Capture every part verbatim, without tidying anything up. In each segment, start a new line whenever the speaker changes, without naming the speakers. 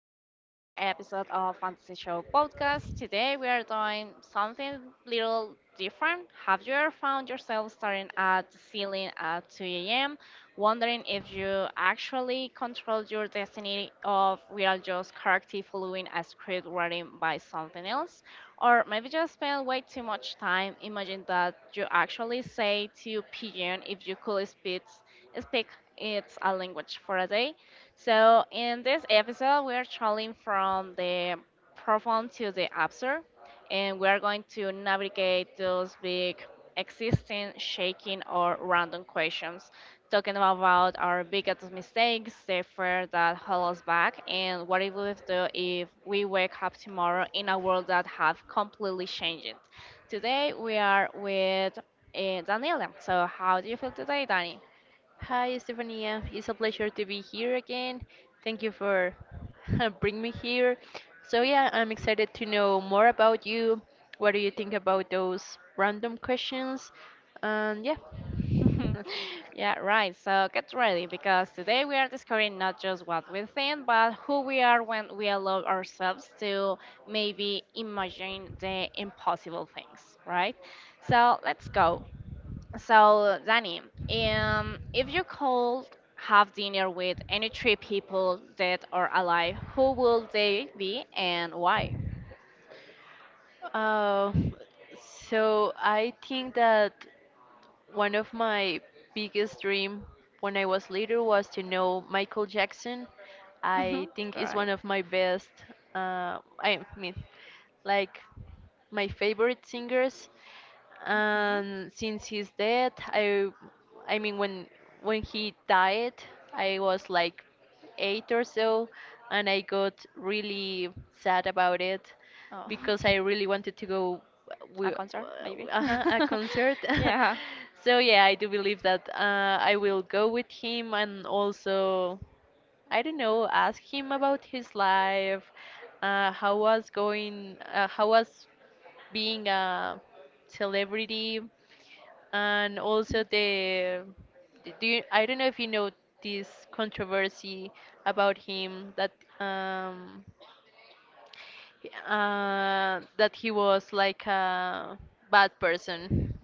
to another episode of Fantasy Show Podcast. Today we are doing something little different. Have you ever found yourself staring at the ceiling at two a m, wondering if you actually control your destiny or we are just correctly following a script written by something else? Or maybe just spend way too much time imagining that you actually say to pigeon if you could speak, speak its a language for a day? So, in this episode, we are traveling from the profound to the absurd, and we are going to navigate those big existing, shaking, or random questions, talking about our biggest mistakes, the fear that hold us back, and what it would do if we wake up tomorrow in a world that have completely changed. Today, we are with uh, Daniela. So, how do you feel today, Dani?
Hi, Stefania. It's a pleasure to be here again. Thank you for bringing me here. So yeah, I'm excited to know more about you. What do you think about those random questions? And yeah.
yeah, right. So get ready because today we are discovering not just what we think, but who we are when we allow ourselves to maybe imagine the impossible things, right? So let's go. So, Danny, um, if you could have dinner with any three people, dead or alive, who will they be and why?
Uh, so I think that one of my biggest dream when I was little was to know Michael Jackson.
Mhm.
I think is
Right.
one of my best. Uh, I mean, like my favorite singers. And since he's dead, I, I mean, when when he died, I was like eight or so, and I got really sad about it
Oh,
because I
okay.
really wanted to go
A
with
concert, maybe.
uh, uh-huh, a concert.
yeah.
So yeah, I do believe that uh, I will go with him and also I don't know, ask him about his life, uh, how was going, uh, how was being a celebrity, and also the, do you, I don't know if you know this controversy about him that um, uh, that he was like a bad person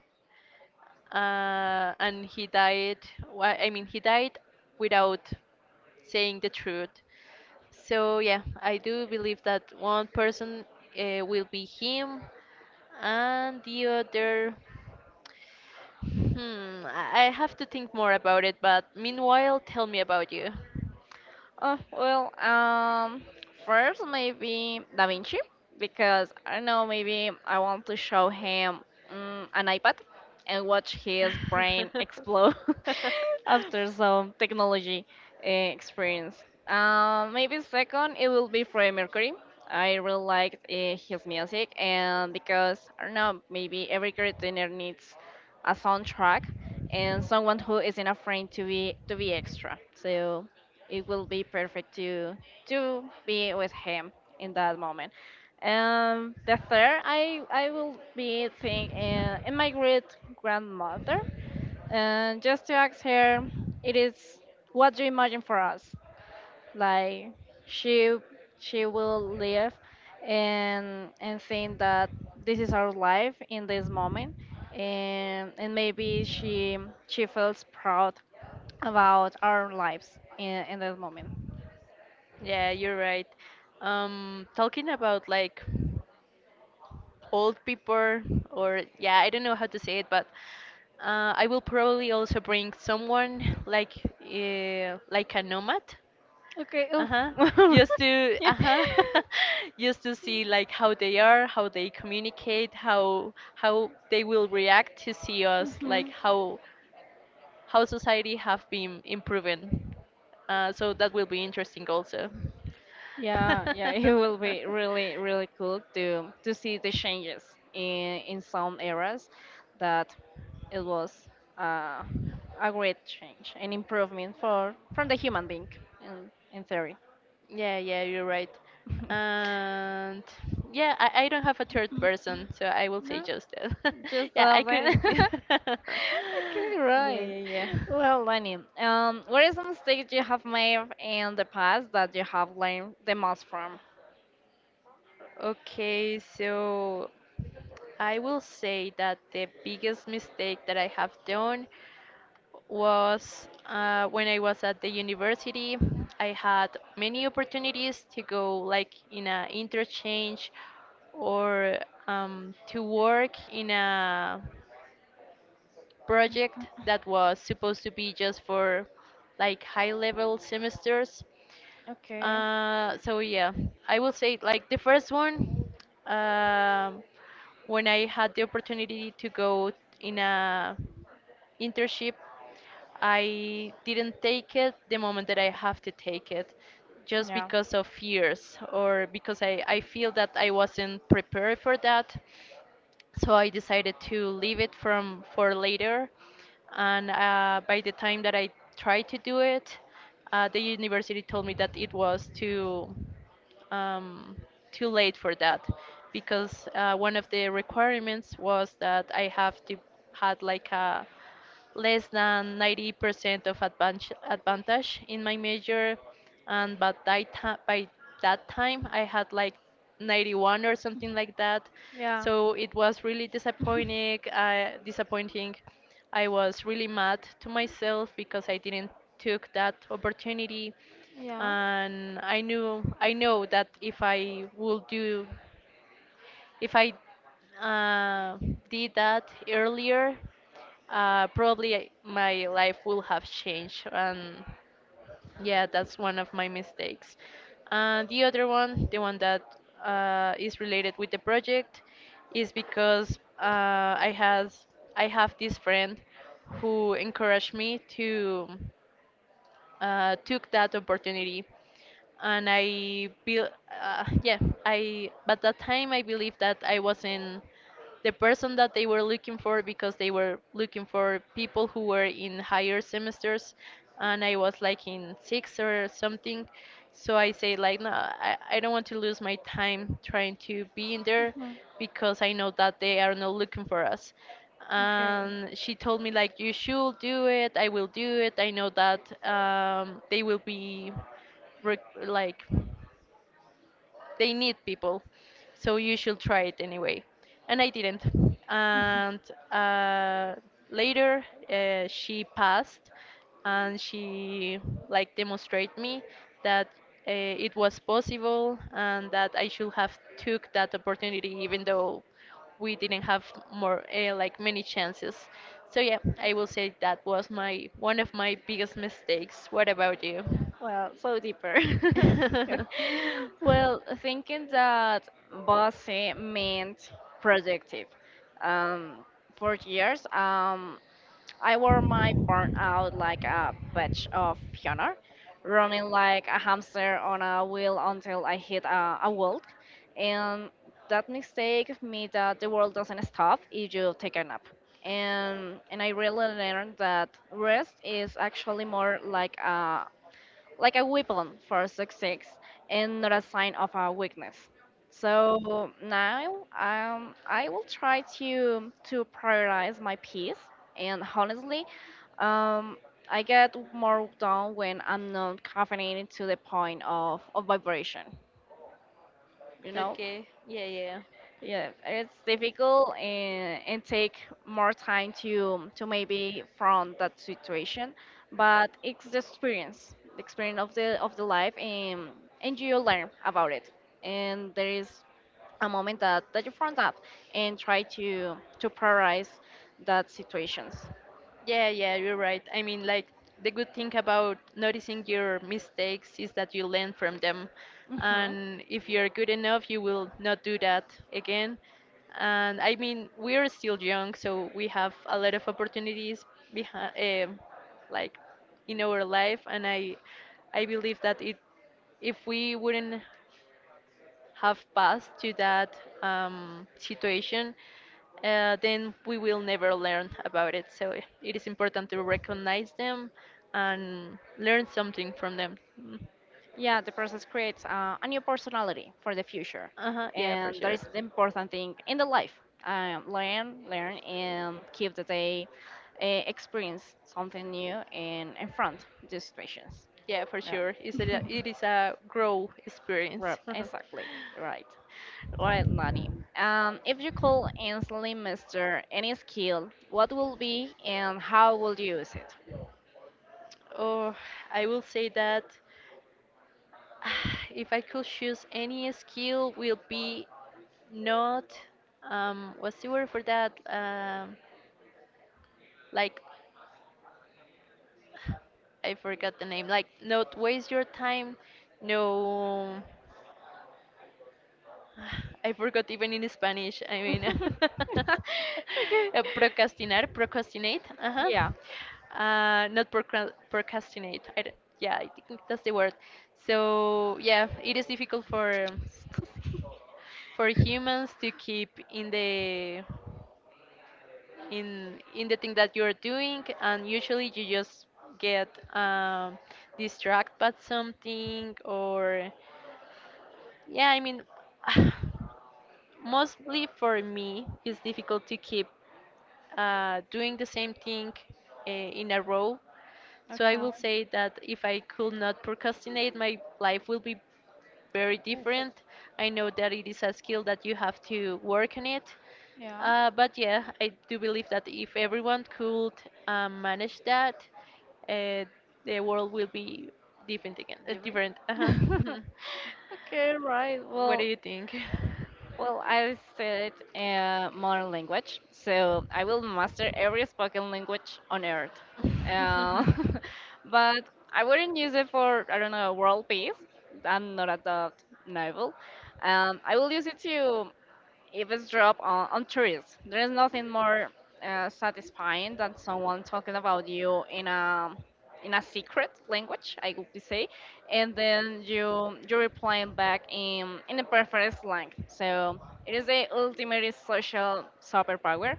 uh, and he died wha- i mean he died without saying the truth. So yeah, I do believe that one person uh, will be him, and the other hmm i I have to think more about it. But meanwhile tell me about you.
Oh, well, um, first maybe Da Vinci, because I don't know, maybe I want to show him mm, an iPad and watch his brain explode after some technology uh, experience. Um, maybe second, it will be Freddie Mercury. I really liked uh, his music, and because I don't know, maybe every creator needs a soundtrack and someone who isn't afraid to be to be extra. So it will be perfect to to be with him in that moment. Um, the third, I I will be thinking in, in, my great grandmother, and just to ask her, it is what do you imagine for us? Like she she will live and and think that this is our life in this moment, and and maybe she she feels proud about our lives in in this moment.
Yeah, you're right. Um, talking about like old people, or yeah, I don't know how to say it, but uh, I will probably also bring someone like uh, like a nomad.
Okay. Oh.
Uh-huh. Just to
yeah.
uh-huh. Just to see like how they are, how they communicate, how how they will react to see us, like
Mhm.
how how society have been improving. Uh, so that will be interesting also.
Yeah, yeah, it will be really, really cool to to see the changes in in some areas that it was uh, a great change, an improvement for from the human being in in theory.
Yeah, yeah, you're right. And yeah, I, I don't have a third person, so I will say
no,
just that.
just
Yeah, I
laughing.
couldn't. Yeah,
okay,
yeah,
right.
yeah.
Well, Lenny, um, what is a mistake you have made in the past that you have learned the most from?
Okay, so I will say that the biggest mistake that I have done was uh, when I was at the university. I had many opportunities to go like in a interchange or um, to work in a project that was supposed to be just for like high level semesters.
Okay.
Uh, so yeah, I will say like the first one um, when I had the opportunity to go in a internship. I didn't take it the moment that I have to take it, just
Yeah.
because of fears or because I, I feel that I wasn't prepared for that. So I decided to leave it from for later. And uh, by the time that I tried to do it, uh, the university told me that it was too um, too late for that, because uh, one of the requirements was that I have to had like a less than ninety percent of advantage, advantage in my major, and but by, ti- by that time I had like ninety-one or something like that.
Yeah.
So it was really disappointing. Uh, disappointing. I was really mad to myself because I didn't took that opportunity,
Yeah.
and I knew I know that if I would do if I uh, did that earlier, uh, probably I- my life will have changed. And yeah, that's one of my mistakes. Uh, the other one, the one that uh, is related with the project, is because uh, I has I have this friend who encouraged me to uh, took that opportunity, and I built, uh, yeah, I, but that time I believed that I wasn't the person that they were looking for, because they were looking for people who were in higher semesters and I was like in six or something. So I say like no, I, I don't want to lose my time trying to be in there,
Mhm.
because I know that they are not looking for us.
Okay.
And she told me like you should do it, I will do it. I know that um, they will be rec- like they need people, so you should try it anyway. And I didn't. And uh, later uh, she passed, and she like demonstrated me that uh, it was possible, and that I should have took that opportunity, even though we didn't have more uh, like many chances. So yeah, I will say that was my one of my biggest mistakes. What about you?
Well, so deeper. Well, thinking that bossy meant productive. Um, for years, um, I wore my burnout like a badge of honor, running like a hamster on a wheel until I hit a, a wall. And that mistake me that the world doesn't stop if you take a nap. And and I really learned that rest is actually more like a like a weapon for success and not a sign of our weakness. So now um, I will try to to prioritize my peace. And honestly, um, I get more done when I'm not caffeinated to the point of, of vibration. You know?
Okay. Yeah, yeah.
Yeah, it's difficult and, and, take more time to to maybe from that situation, but it's the experience, the experience of the of the life, and and you learn about it. And there is a moment that that you front up and try to to prioritize that situations.
Yeah, yeah, you're right. I mean, like, the good thing about noticing your mistakes is that you learn from them.
Hmm.
And if you're good enough, you will not do that again. And I mean, we're still young, so we have a lot of opportunities behind, um like, in our life. And I, I believe that it, if we wouldn't have passed to that um, situation, uh, then we will never learn about it. So i- it is important to recognize them and learn something from them. Mm.
Yeah, the process creates uh, a new personality for the future,
Uh-huh, yeah, for
and that
sure.
is the important thing in the life. Um, learn, learn, and keep the day uh, experience something new and confront the situations.
Yeah, for
Yeah.
sure. It's a, it is a grow
right.
experience.
Exactly. Right. Right, Nani. Um, if you could instantly master any skill, what will be and how will you use it?
Or I will say that if I could choose any skill, will be not um, what's the word for that? Um, like I forgot the name. Like, not waste your time. No, I forgot even in Spanish. I mean,
okay.
uh, procrastinar, procrastinate. Uh-huh.
Yeah.
Uh, not procra- procrastinate. I d Yeah, I think that's the word. So yeah, it is difficult for for humans to keep in the in in the thing that you're doing, and usually you just get um, distracted by something. Or yeah, I mean, mostly for me it's difficult to keep uh, doing the same thing uh, in a row. So I
Okay.
will say that if I could not procrastinate, my life will be very different. I know that it is a skill that you have to work on it. Uh, but yeah, I do believe that if everyone could um, manage that, uh, the world will be different again. Uh, different. Uh-huh.
Yeah. Okay, right.
What do
Well,
you think?
well, I studied uh, modern language, so I will master every spoken language on earth. Uh, but I wouldn't use it for, I don't know, world peace. I'm not a that novel. Um, I will use it to eavesdrop on, on, tourists. There's nothing more uh, satisfying than someone talking about you in a in a secret language, I would say, and then you you replying back in in a perfect slang. So it is the ultimate social superpower.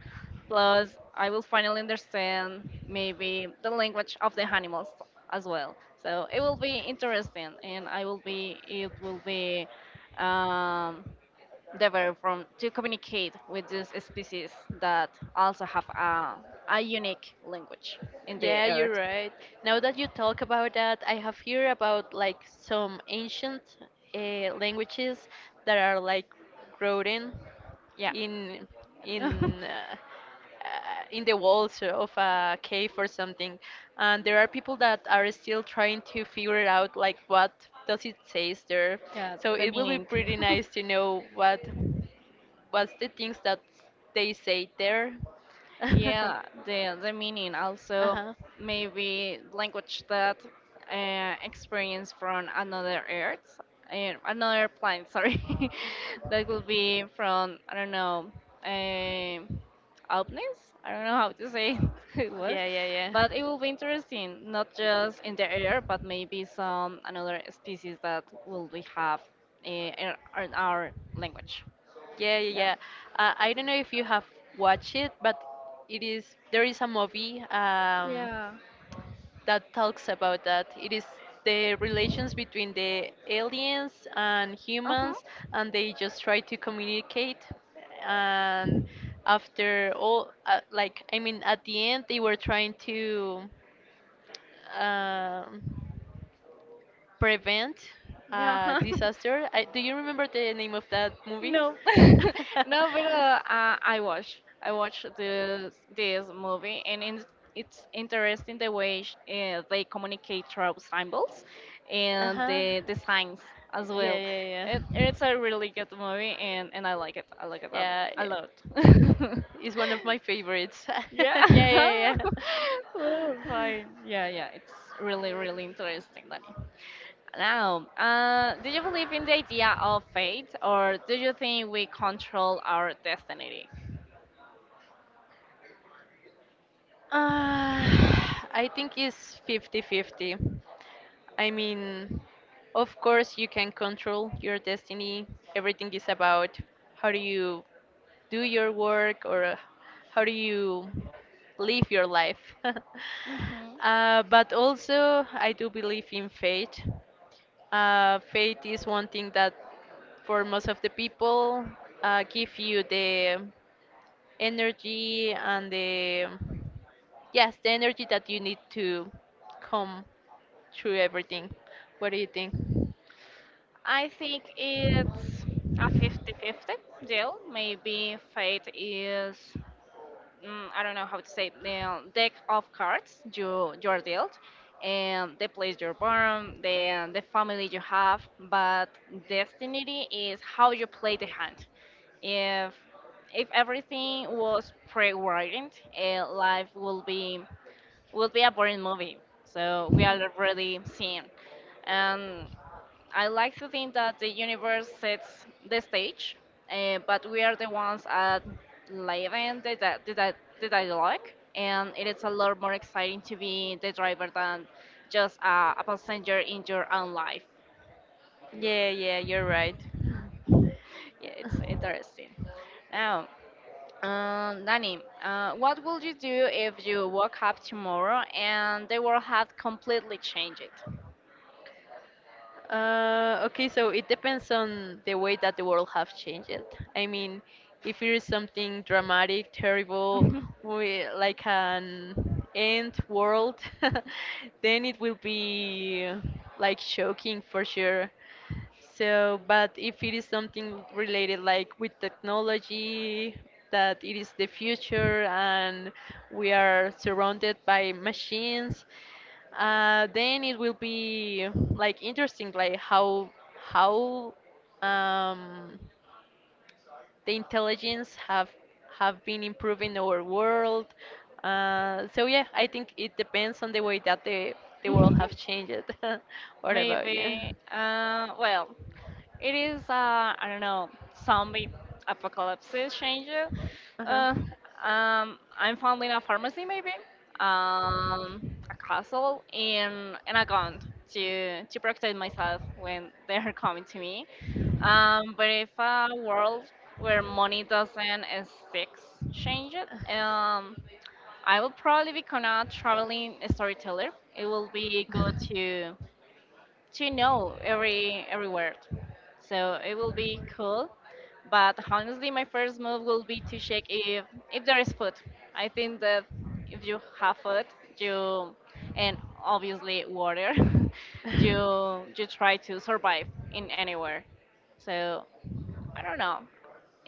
Plus, I will finally understand maybe the language of the animals as well. So it will be interesting, and I will be it will be um, developed from to communicate with these species that also have a, a unique language in the
Yeah, you're
earth.
right. Now that you talk about that, I have heard about like some ancient uh, languages that are like written
Yeah.
in in uh, uh, in the walls of a cave or something, and there are people that are still trying to figure out like what does it says there.
yeah,
So
the
it will be
meaning.
pretty nice to know what what's the things that they say there. uh-huh.
Yeah, the the meaning also maybe language that uh, experience from another earth, uh, another planet. Sorry, that would be from I don't know, uh, outness. I don't know how to say it word,
Yeah, yeah, yeah.
but it will be interesting. Not just in the air, but maybe some another species that will we have uh, in, in, our language.
Yeah, yeah,
Yeah.
yeah. Uh, I don't know if you have watched it, but it is there is a movie um,
Yeah.
that talks about that. It is the relations between the aliens and
Uh huh.
humans, and they just try to communicate. And after all, uh, like I mean, at the end, they were trying to um, prevent
Yeah.
a disaster. I, do you remember the name of that movie?
No, no, but uh, uh, I watch. I watch this this movie, and in, it's interesting the way sh- uh, they communicate through symbols
Uh
and
huh.
the the signs as
Yeah,
well.
yeah,
It,
yeah.
it's a really good movie, and, and I like it. I like it a,
Yeah,
a
i-
lot.
it's one of my favorites.
Yeah.
yeah, yeah,
Oh,
yeah.
fine. Yeah, yeah. It's really, really interesting, Danny. Now, uh, do you believe in the idea of fate, or do you think we control our destiny?
Uh, I think it's fifty-fifty. I mean, of course, you can control your destiny. Everything is about how do you do your work, or uh, how do you live your life?
hmm
Uh, but also, I do believe in fate. Uh, fate is one thing that, for most of the people, uh, give you the energy and the yes, the energy that you need to come through everything. What do you think?
I think it's a fifty-fifty deal. Maybe fate is mm, I don't know how to say it, the deck of cards you you're dealt, and the place you're born, the the family you have, but destiny is how you play the hand. If if everything was pre-wired, eh, life will be will be a boring movie. So we
Hmm.
are already seeing, and I like to think that the universe sets the stage, eh, but we are the ones at living the di- the, di- the dialogue, and it is a lot more exciting to be the driver than just uh, a passenger in your own life.
Yeah, yeah, you're right.
Yeah, it's interesting. Um, Danny, uh, what would you do if you woke up tomorrow and the world had completely changed?
Uh, okay, so it depends on the way that the world have changed it. I mean, if it is something dramatic, terrible, we, like an end world, then it will be like shocking for sure. So, but if it is something related like with technology, that it is the future and we are surrounded by machines, uh, then it will be like interesting, like how how um, the intelligence have have been improving our world. Uh, so yeah, I think it depends on the way that the the world have changed. What about you?
Maybe. Uh, well, It is, uh, I don't know, zombie apocalypse changer.
Uh-huh.
Uh, um, I'm founding a pharmacy, maybe, um, a castle, and, and a gun to, to protect myself when they're coming to me. Um, but if a world where money doesn't exist change it, um, I will probably become a traveling storyteller. It will be good to to know every every word. So it will be cool. But honestly, my first move will be to check if if there is food. I think that if you have food, you and obviously water, you you try to survive in anywhere. So I don't know.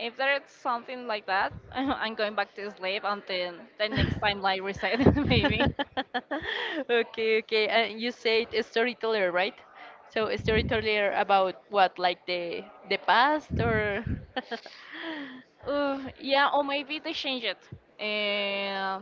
If there is something like that, I'm going back to sleep until the next time, like reset maybe.
Okay, okay. And you said a storyteller, right? So a storyteller about what, like the the past or?
Uh, yeah, or maybe they change it. Uh,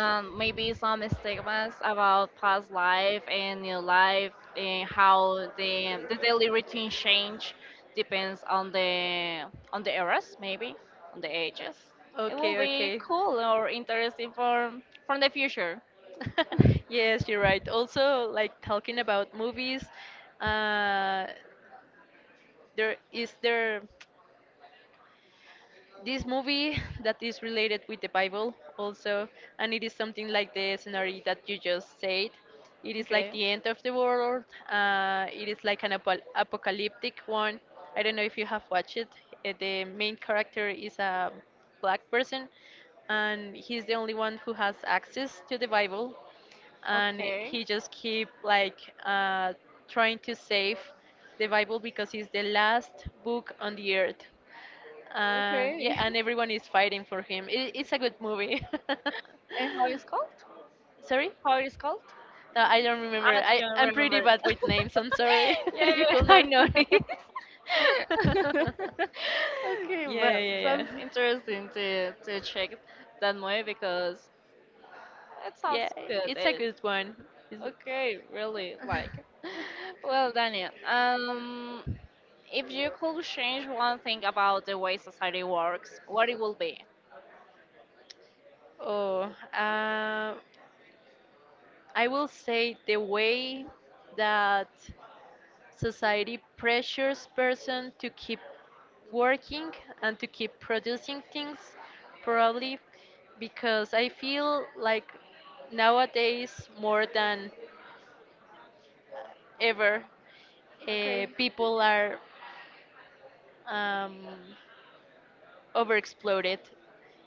um, Maybe some stigmas about past life and new life and how the the daily routine change depends on the on the eras maybe on the ages. It will
okay,
be
okay.
cool or interesting for from the future.
Yes, you're right. Also, like talking about movies, uh, there is there this movie that is related with the Bible also, and it is something like the scenario that you just said. It is like
Okay.
the end of the world. Uh, it is like an apo- apocalyptic one. I don't know if you have watched it. Uh, The main character is a black person, and he's the only one who has access to the Bible, and
Okay.
he just keep like uh, trying to save the Bible, because it's the last book on the earth. And yeah,
Okay.
and everyone is fighting for him. It, it's a good movie.
and how it's called
Sorry?
how it is called
No, I don't remember.
I
I
don't
I'm pretty
remember.
bad with names. I'm sorry.
yeah,
You could
yeah, I
not.
noticed. okay,
Yeah,
well,
yeah, yeah.
sounds interesting to to check that movie because it
Yeah,
sounds good.
it's a
It
good one. It's-
okay, really like. Well, Daniel, um, if you could change one thing about the way society works, what it will be?
oh, uh, I will say the way that society pressures person to keep working and to keep producing things, probably because I feel like nowadays more than ever, uh, people are um, overexploded,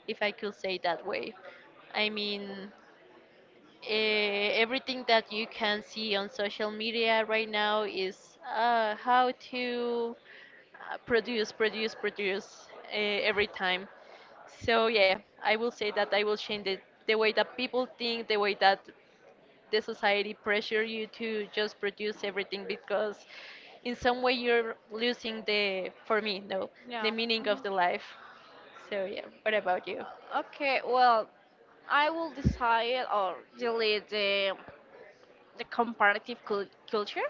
if I could say that way. I mean, uh, everything that you can see on social media right now is uh, how to uh, produce, produce, produce uh, every time. So yeah, I will say that I will change the, the way that people think, the way that the society pressure you to just produce everything because in some way you're losing the, for me, no, the
Yeah.
meaning of the life. So yeah, what about you?
Okay, well, I will decide or delete the the comparative cul- culture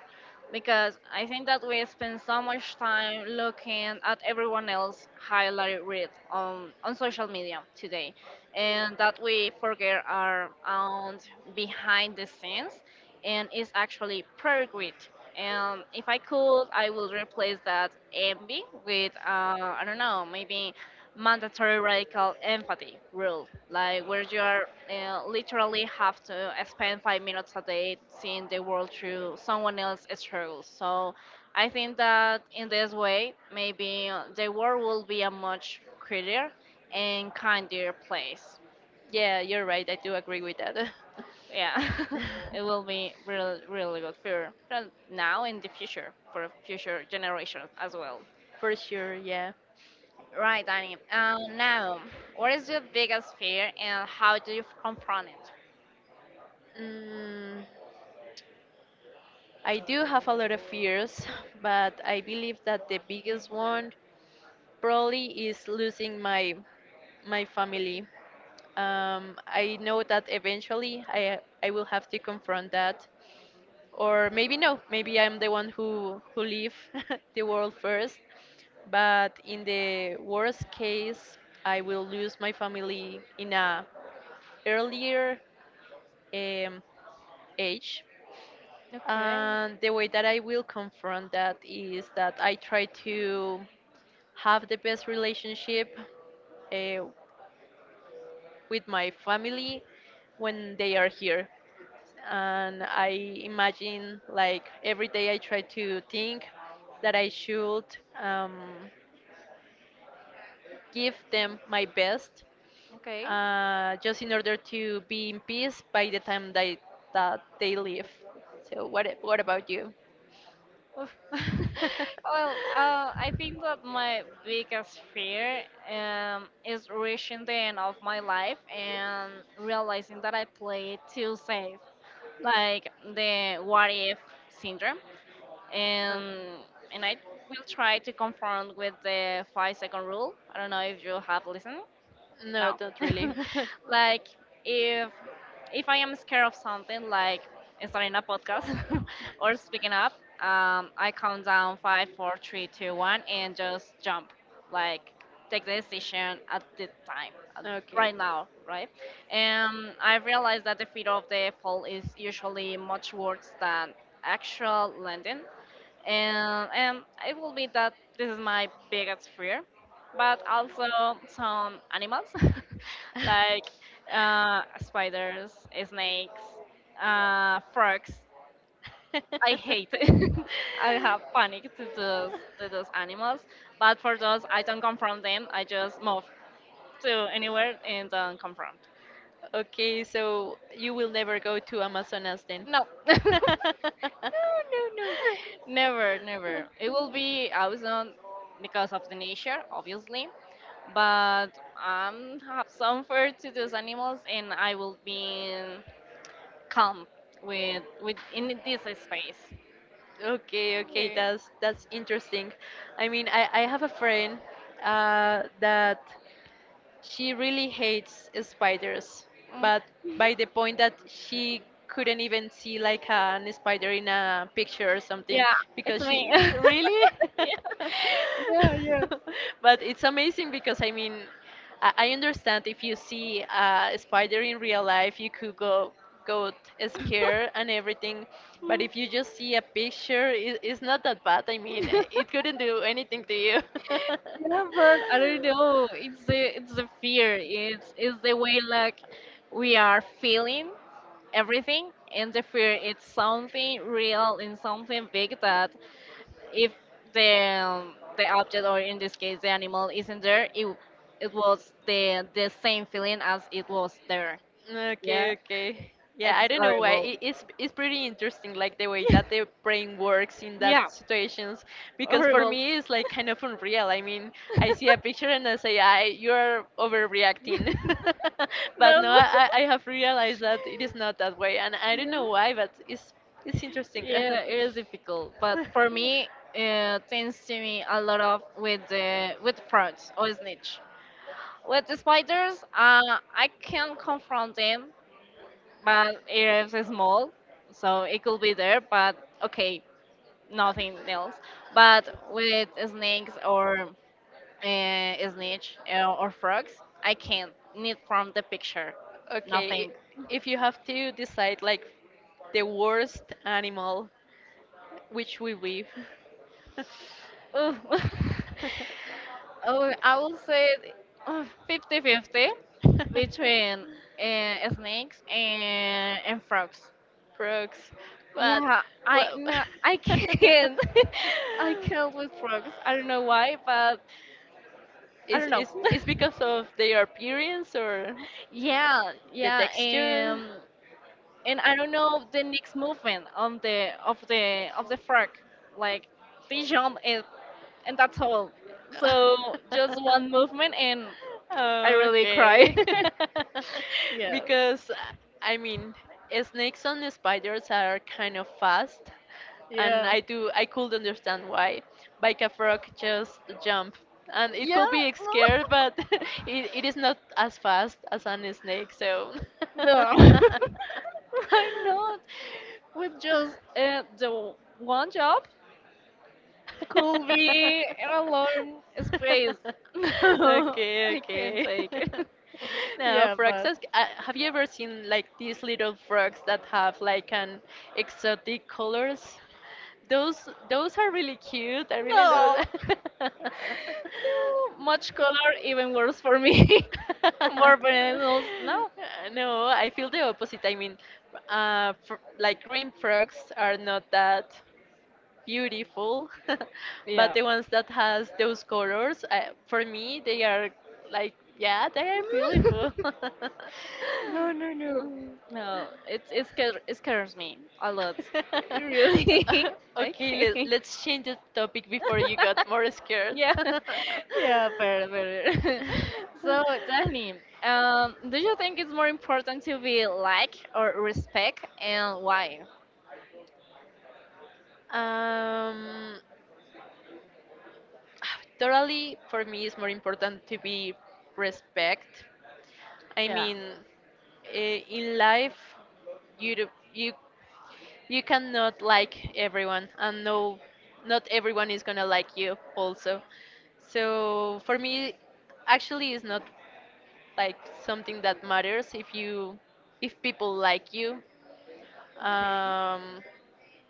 because I think that we spend so much time looking at everyone else highlight read on, on social media today and that we forget our own behind the scenes, and it's actually pretty great. And if I could, I would replace that envy with, uh, I don't know, maybe mandatory radical empathy rule, like where you are uh, literally have to spend five minutes a day seeing the world through someone else's struggles. So I think that in this way, maybe uh, the world will be a much prettier and kinder place.
Yeah, you're right. I do agree with that.
Yeah, it will be really, really good for for now and the future for future generations as well.
For sure, yeah.
Right, Danny. Um, now, what is your biggest fear and how do you confront it?
Mm, I do have a lot of fears, but I believe that the biggest one probably is losing my my family. Um, I know that eventually I I will have to confront that, or maybe no, maybe I'm the one who who leave the world first. But in the worst case, I will lose my family in a earlier um, age.
Okay,
And the way that I will confront that is that I try to have the best relationship uh, with my family when they are here. And I imagine, like, every day I try to think that I should um, give them my best
okay.
uh, just in order to be in peace by the time that, that they leave. So, what, what about you?
Oof. well, uh, I think that my biggest fear um, is reaching the end of my life and realizing that I played too safe, like the what if syndrome.
Um,
And, and I will try to confront with the five second rule. I don't know if you have listened.
no,
No.
not really.
like if if I am scared of something like starting a podcast or speaking up, um, I count down five, four, three, two, one, and just jump. Like take the decision at the time, at-
Okay.
right now, right? And I realized that the fear of the fall is usually much worse than actual landing, and and it will be that this is my biggest fear, but also some animals like uh, spiders, snakes, uh, frogs. I hate it. I have panic to those, to those animals, but for those I don't confront them. I just move to anywhere and don't confront.
Okay, so you will never go to Amazonas then.
No. No, no, no. Never, never. It will be awesome because of the nature, obviously. But I have some fear to those animals, and I will be calm with with in this space.
Okay, okay,
Okay.
that's that's interesting. I mean, I I have a friend uh that she really hates spiders,
Mm.
but by the point that she couldn't even see like an spider in a picture or something
Yeah,
because
it's
she
me.
really
Yeah, yeah, yeah.
but it's amazing because I mean I I understand if you see uh, a spider in real life you could go go t- scared and everything but if you just see a picture it, it's not that bad I mean it couldn't do anything to you.
Yeah, but I don't know. It's the it's the fear. It's it's the way, like we are feeling everything, and the fear, it's something real and something big, that if the um, the object, or in this case the animal, isn't there, it it was the the same feeling as it was there. Yeah,
Okay, okay. Yeah, I
it's
don't know why.
horrible.
It, it's it's pretty interesting, like the way that the brain works in that
Yeah.
situations. Because for
Horrible.
me, it's like kind of unreal. I mean, I see a picture and I say, "I, you're overreacting." But no,
No.
I I I have realized that it is not that way, and I don't know why, but it's it's interesting.
Yeah, it is difficult, but for me it tends to me a lot of with the with frogs or snitch. With the spiders, uh, I can confront them, but it's small, so it could be there, but okay, nothing else. But with snakes or uh, snitch, uh, or frogs, I can't. Need from the picture,
Okay, i-
nothing.
if you have to decide like the worst animal, which will be?
Ooh. Oh, I will say fifty fifty between uh, snakes and, and frogs.
Frogs. But
Yeah, I,
well,
no, I can't. I can't with frogs. I don't know why, but I
is
don't know.
is is because of their appearance or
Yeah,
the
yeah,
texture?
and and I don't know the next movement on the of the of the frog. Like, they jump and and that's all. So just one movement, and I really cry.
Okay.
Yeah,
Because, I mean, snakes and spiders are kind of fast, and
yeah,
I do I could understand why. Like a frog just jump, and it
yeah.
could be
No,
scared, but it, it is not as fast as an snake, so.
no, why not? With just uh, the one job could be in a long space. No,
okay,
I can't
okay.
take it.
Now,
Yeah,
frogs.
but
As- Uh, have you ever seen like these little frogs that have like an exotic colors? Those those are really cute. I really love
no,
that.
no, much color even worse for me. More bananas. No,
No, I feel the opposite. I mean, uh, fr- like green frogs are not that beautiful but
yeah.
the ones that has those colors uh, for me they are like yeah they are beautiful.
No, no, no.
Mm.
No, it it scares it scares me a lot. Really, I
Okay let,
can't.
let's change the topic before you got more scared.
Yeah, yeah, fair, fair. So, Danny, um, do you think it's more important to be liked or respect, and why?
um Totally for me it's more important to be respect. I
Yeah.
mean, i- in life, you do- you you cannot like everyone, and no, not everyone is gonna like you also. So for me, actually, it's not like something that matters if you if people like you.
Okay.
Um,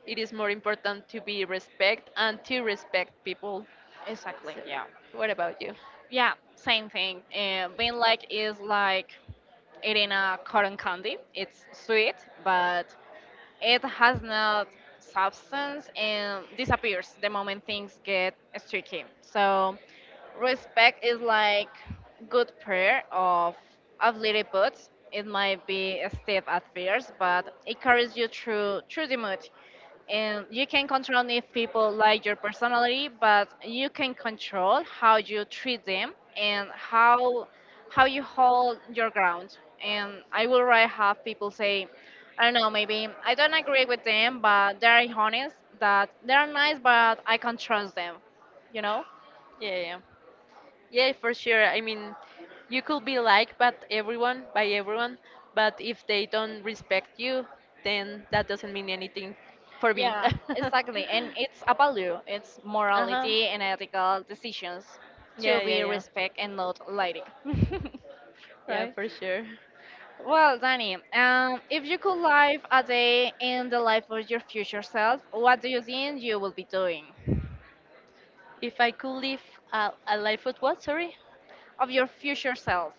it is more important to be respect and to respect people.
Exactly.
So yeah.
Yeah,
What about you?
yeah, same thing. Uh, being liked is like eating a cotton candy. It's sweet, but it has no substance and disappears the moment things get tricky. So, respect is like good prayer of of little boots. It might be a step at first, but it carries you through through the mood. And you can control if people like your personality, but you can control how you treat them, and how how you hold your ground. And I would rather have people say, I don't know, maybe I don't agree with them, but they are honest, that they are nice, but I can trust them. You know?
Yeah, yeah, yeah. Yeah, for sure. I mean, you could be liked by everyone, by everyone, but if they don't respect you, then that doesn't mean anything for me.
Yeah, exactly. And it's a value, it's
Uh-huh.
morality and ethical decisions to
Yeah, yeah,
be
yeah.
respect and not like.
Yeah,
Right?
for sure.
Well, Danny, um, if you could live a day in the life of your future self, what do you think you will be doing?
If I could live a, a life with what, sorry?
Of your future self,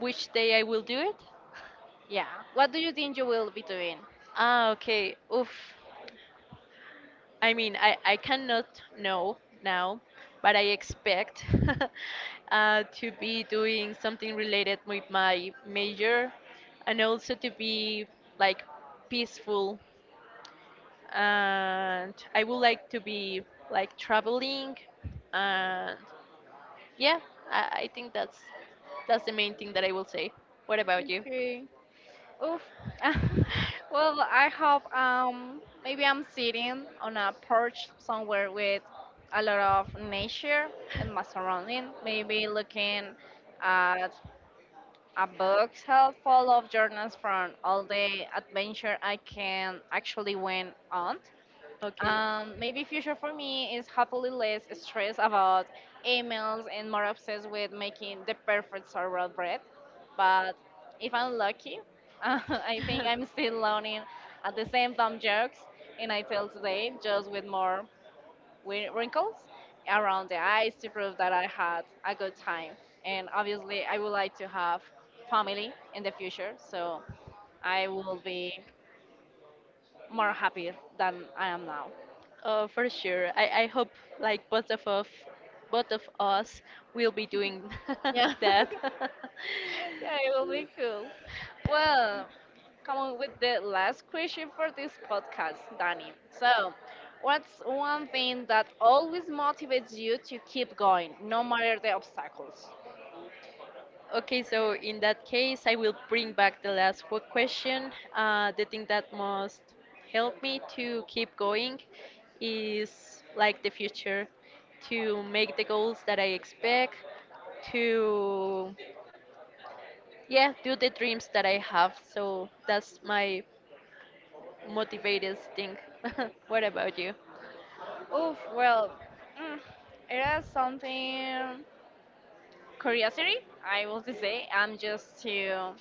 Which day I will do it?
yeah. What do you think you will be doing?
Ah, okay. Oof. I mean, I, I cannot know now, but I expect uh, to be doing something related with my major and also to be like peaceful. And I would like to be like traveling. And yeah, I, I think that's that's the main thing that I will say. What about you?
Okay. Oof. Well, I hope, um maybe I'm sitting on a porch somewhere with a lot of nature and my surrounding. Maybe looking at a book full of journals from all the adventure I can actually went on.
Okay.
Um, maybe future for me is hopefully less stressed about emails and more obsessed with making the perfect sourdough bread. But if I'm lucky, I think I'm still learning at the same dumb jokes and I tell today, just with more wi- wrinkles around the eyes to prove that I had a good time. And obviously, I would like to have family in the future, so I will be more happy than I am now.
Uh, for sure. I, I hope like both of us, both of us will be doing
Yeah.
that.
Yeah, it will be cool. Well, come on with the last question for this podcast, Danny. So, what's one thing that always motivates you to keep going, no matter the obstacles?
Okay, so in that case, I will bring back the last qu- question. Uh, the thing that must help me to keep going is like the future, to make the goals that I expect, to yeah, do the dreams that I have. So that's my motivated thing. What about you?
Oof, well, mm, it is something curiosity, I will say. I'm just to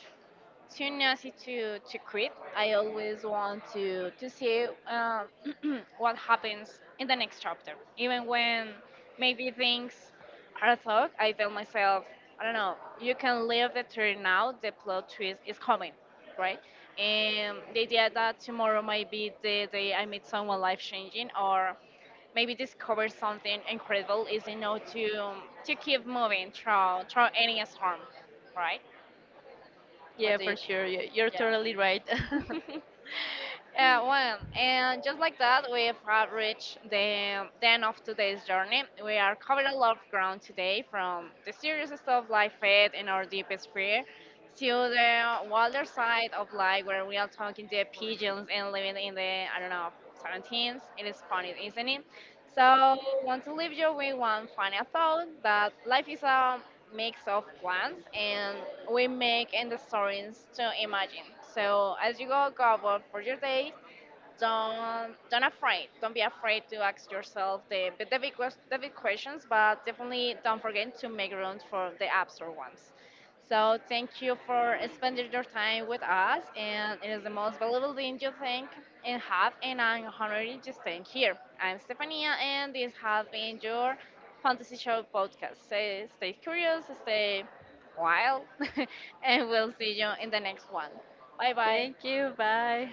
too nasty to to quit. I always want to to see, um, what happens in the next chapter, even when maybe things are thought. I tell myself, I don't know, you can live the turn now. The plot twist is coming, right? And the idea that tomorrow might be the day I meet someone life changing, or maybe discover something incredible, is enough to to keep moving through through any storm, right? What
Yeah,
do
for
you think?
sure. You- You're
Yeah.
totally right.
Yeah, well, and just like that, we have reached the end of today's journey. We are covered a lot of ground today, from the serious stuff life fed in our deepest fear to the wilder side of life where we are talking to pigeons and living in the, I don't know, seventeens. It is funny, isn't it? So, want to leave you with one final thought, that life is a mix of plants and we make and the stories to imagine. So as you go go about for your day, don't don't afraid don't be afraid to ask yourself the but the big, quest- the big questions, but definitely don't forget to make room for the absurd ones. So thank you for spending your time with us, and it is the most valuable thing you think and have. And I'm honored to staying here. I'm Stefania, and this has been your fantasy show podcast. Stay, stay curious, stay wild. And we'll see you in the next one. Bye bye.
Thank you. Bye.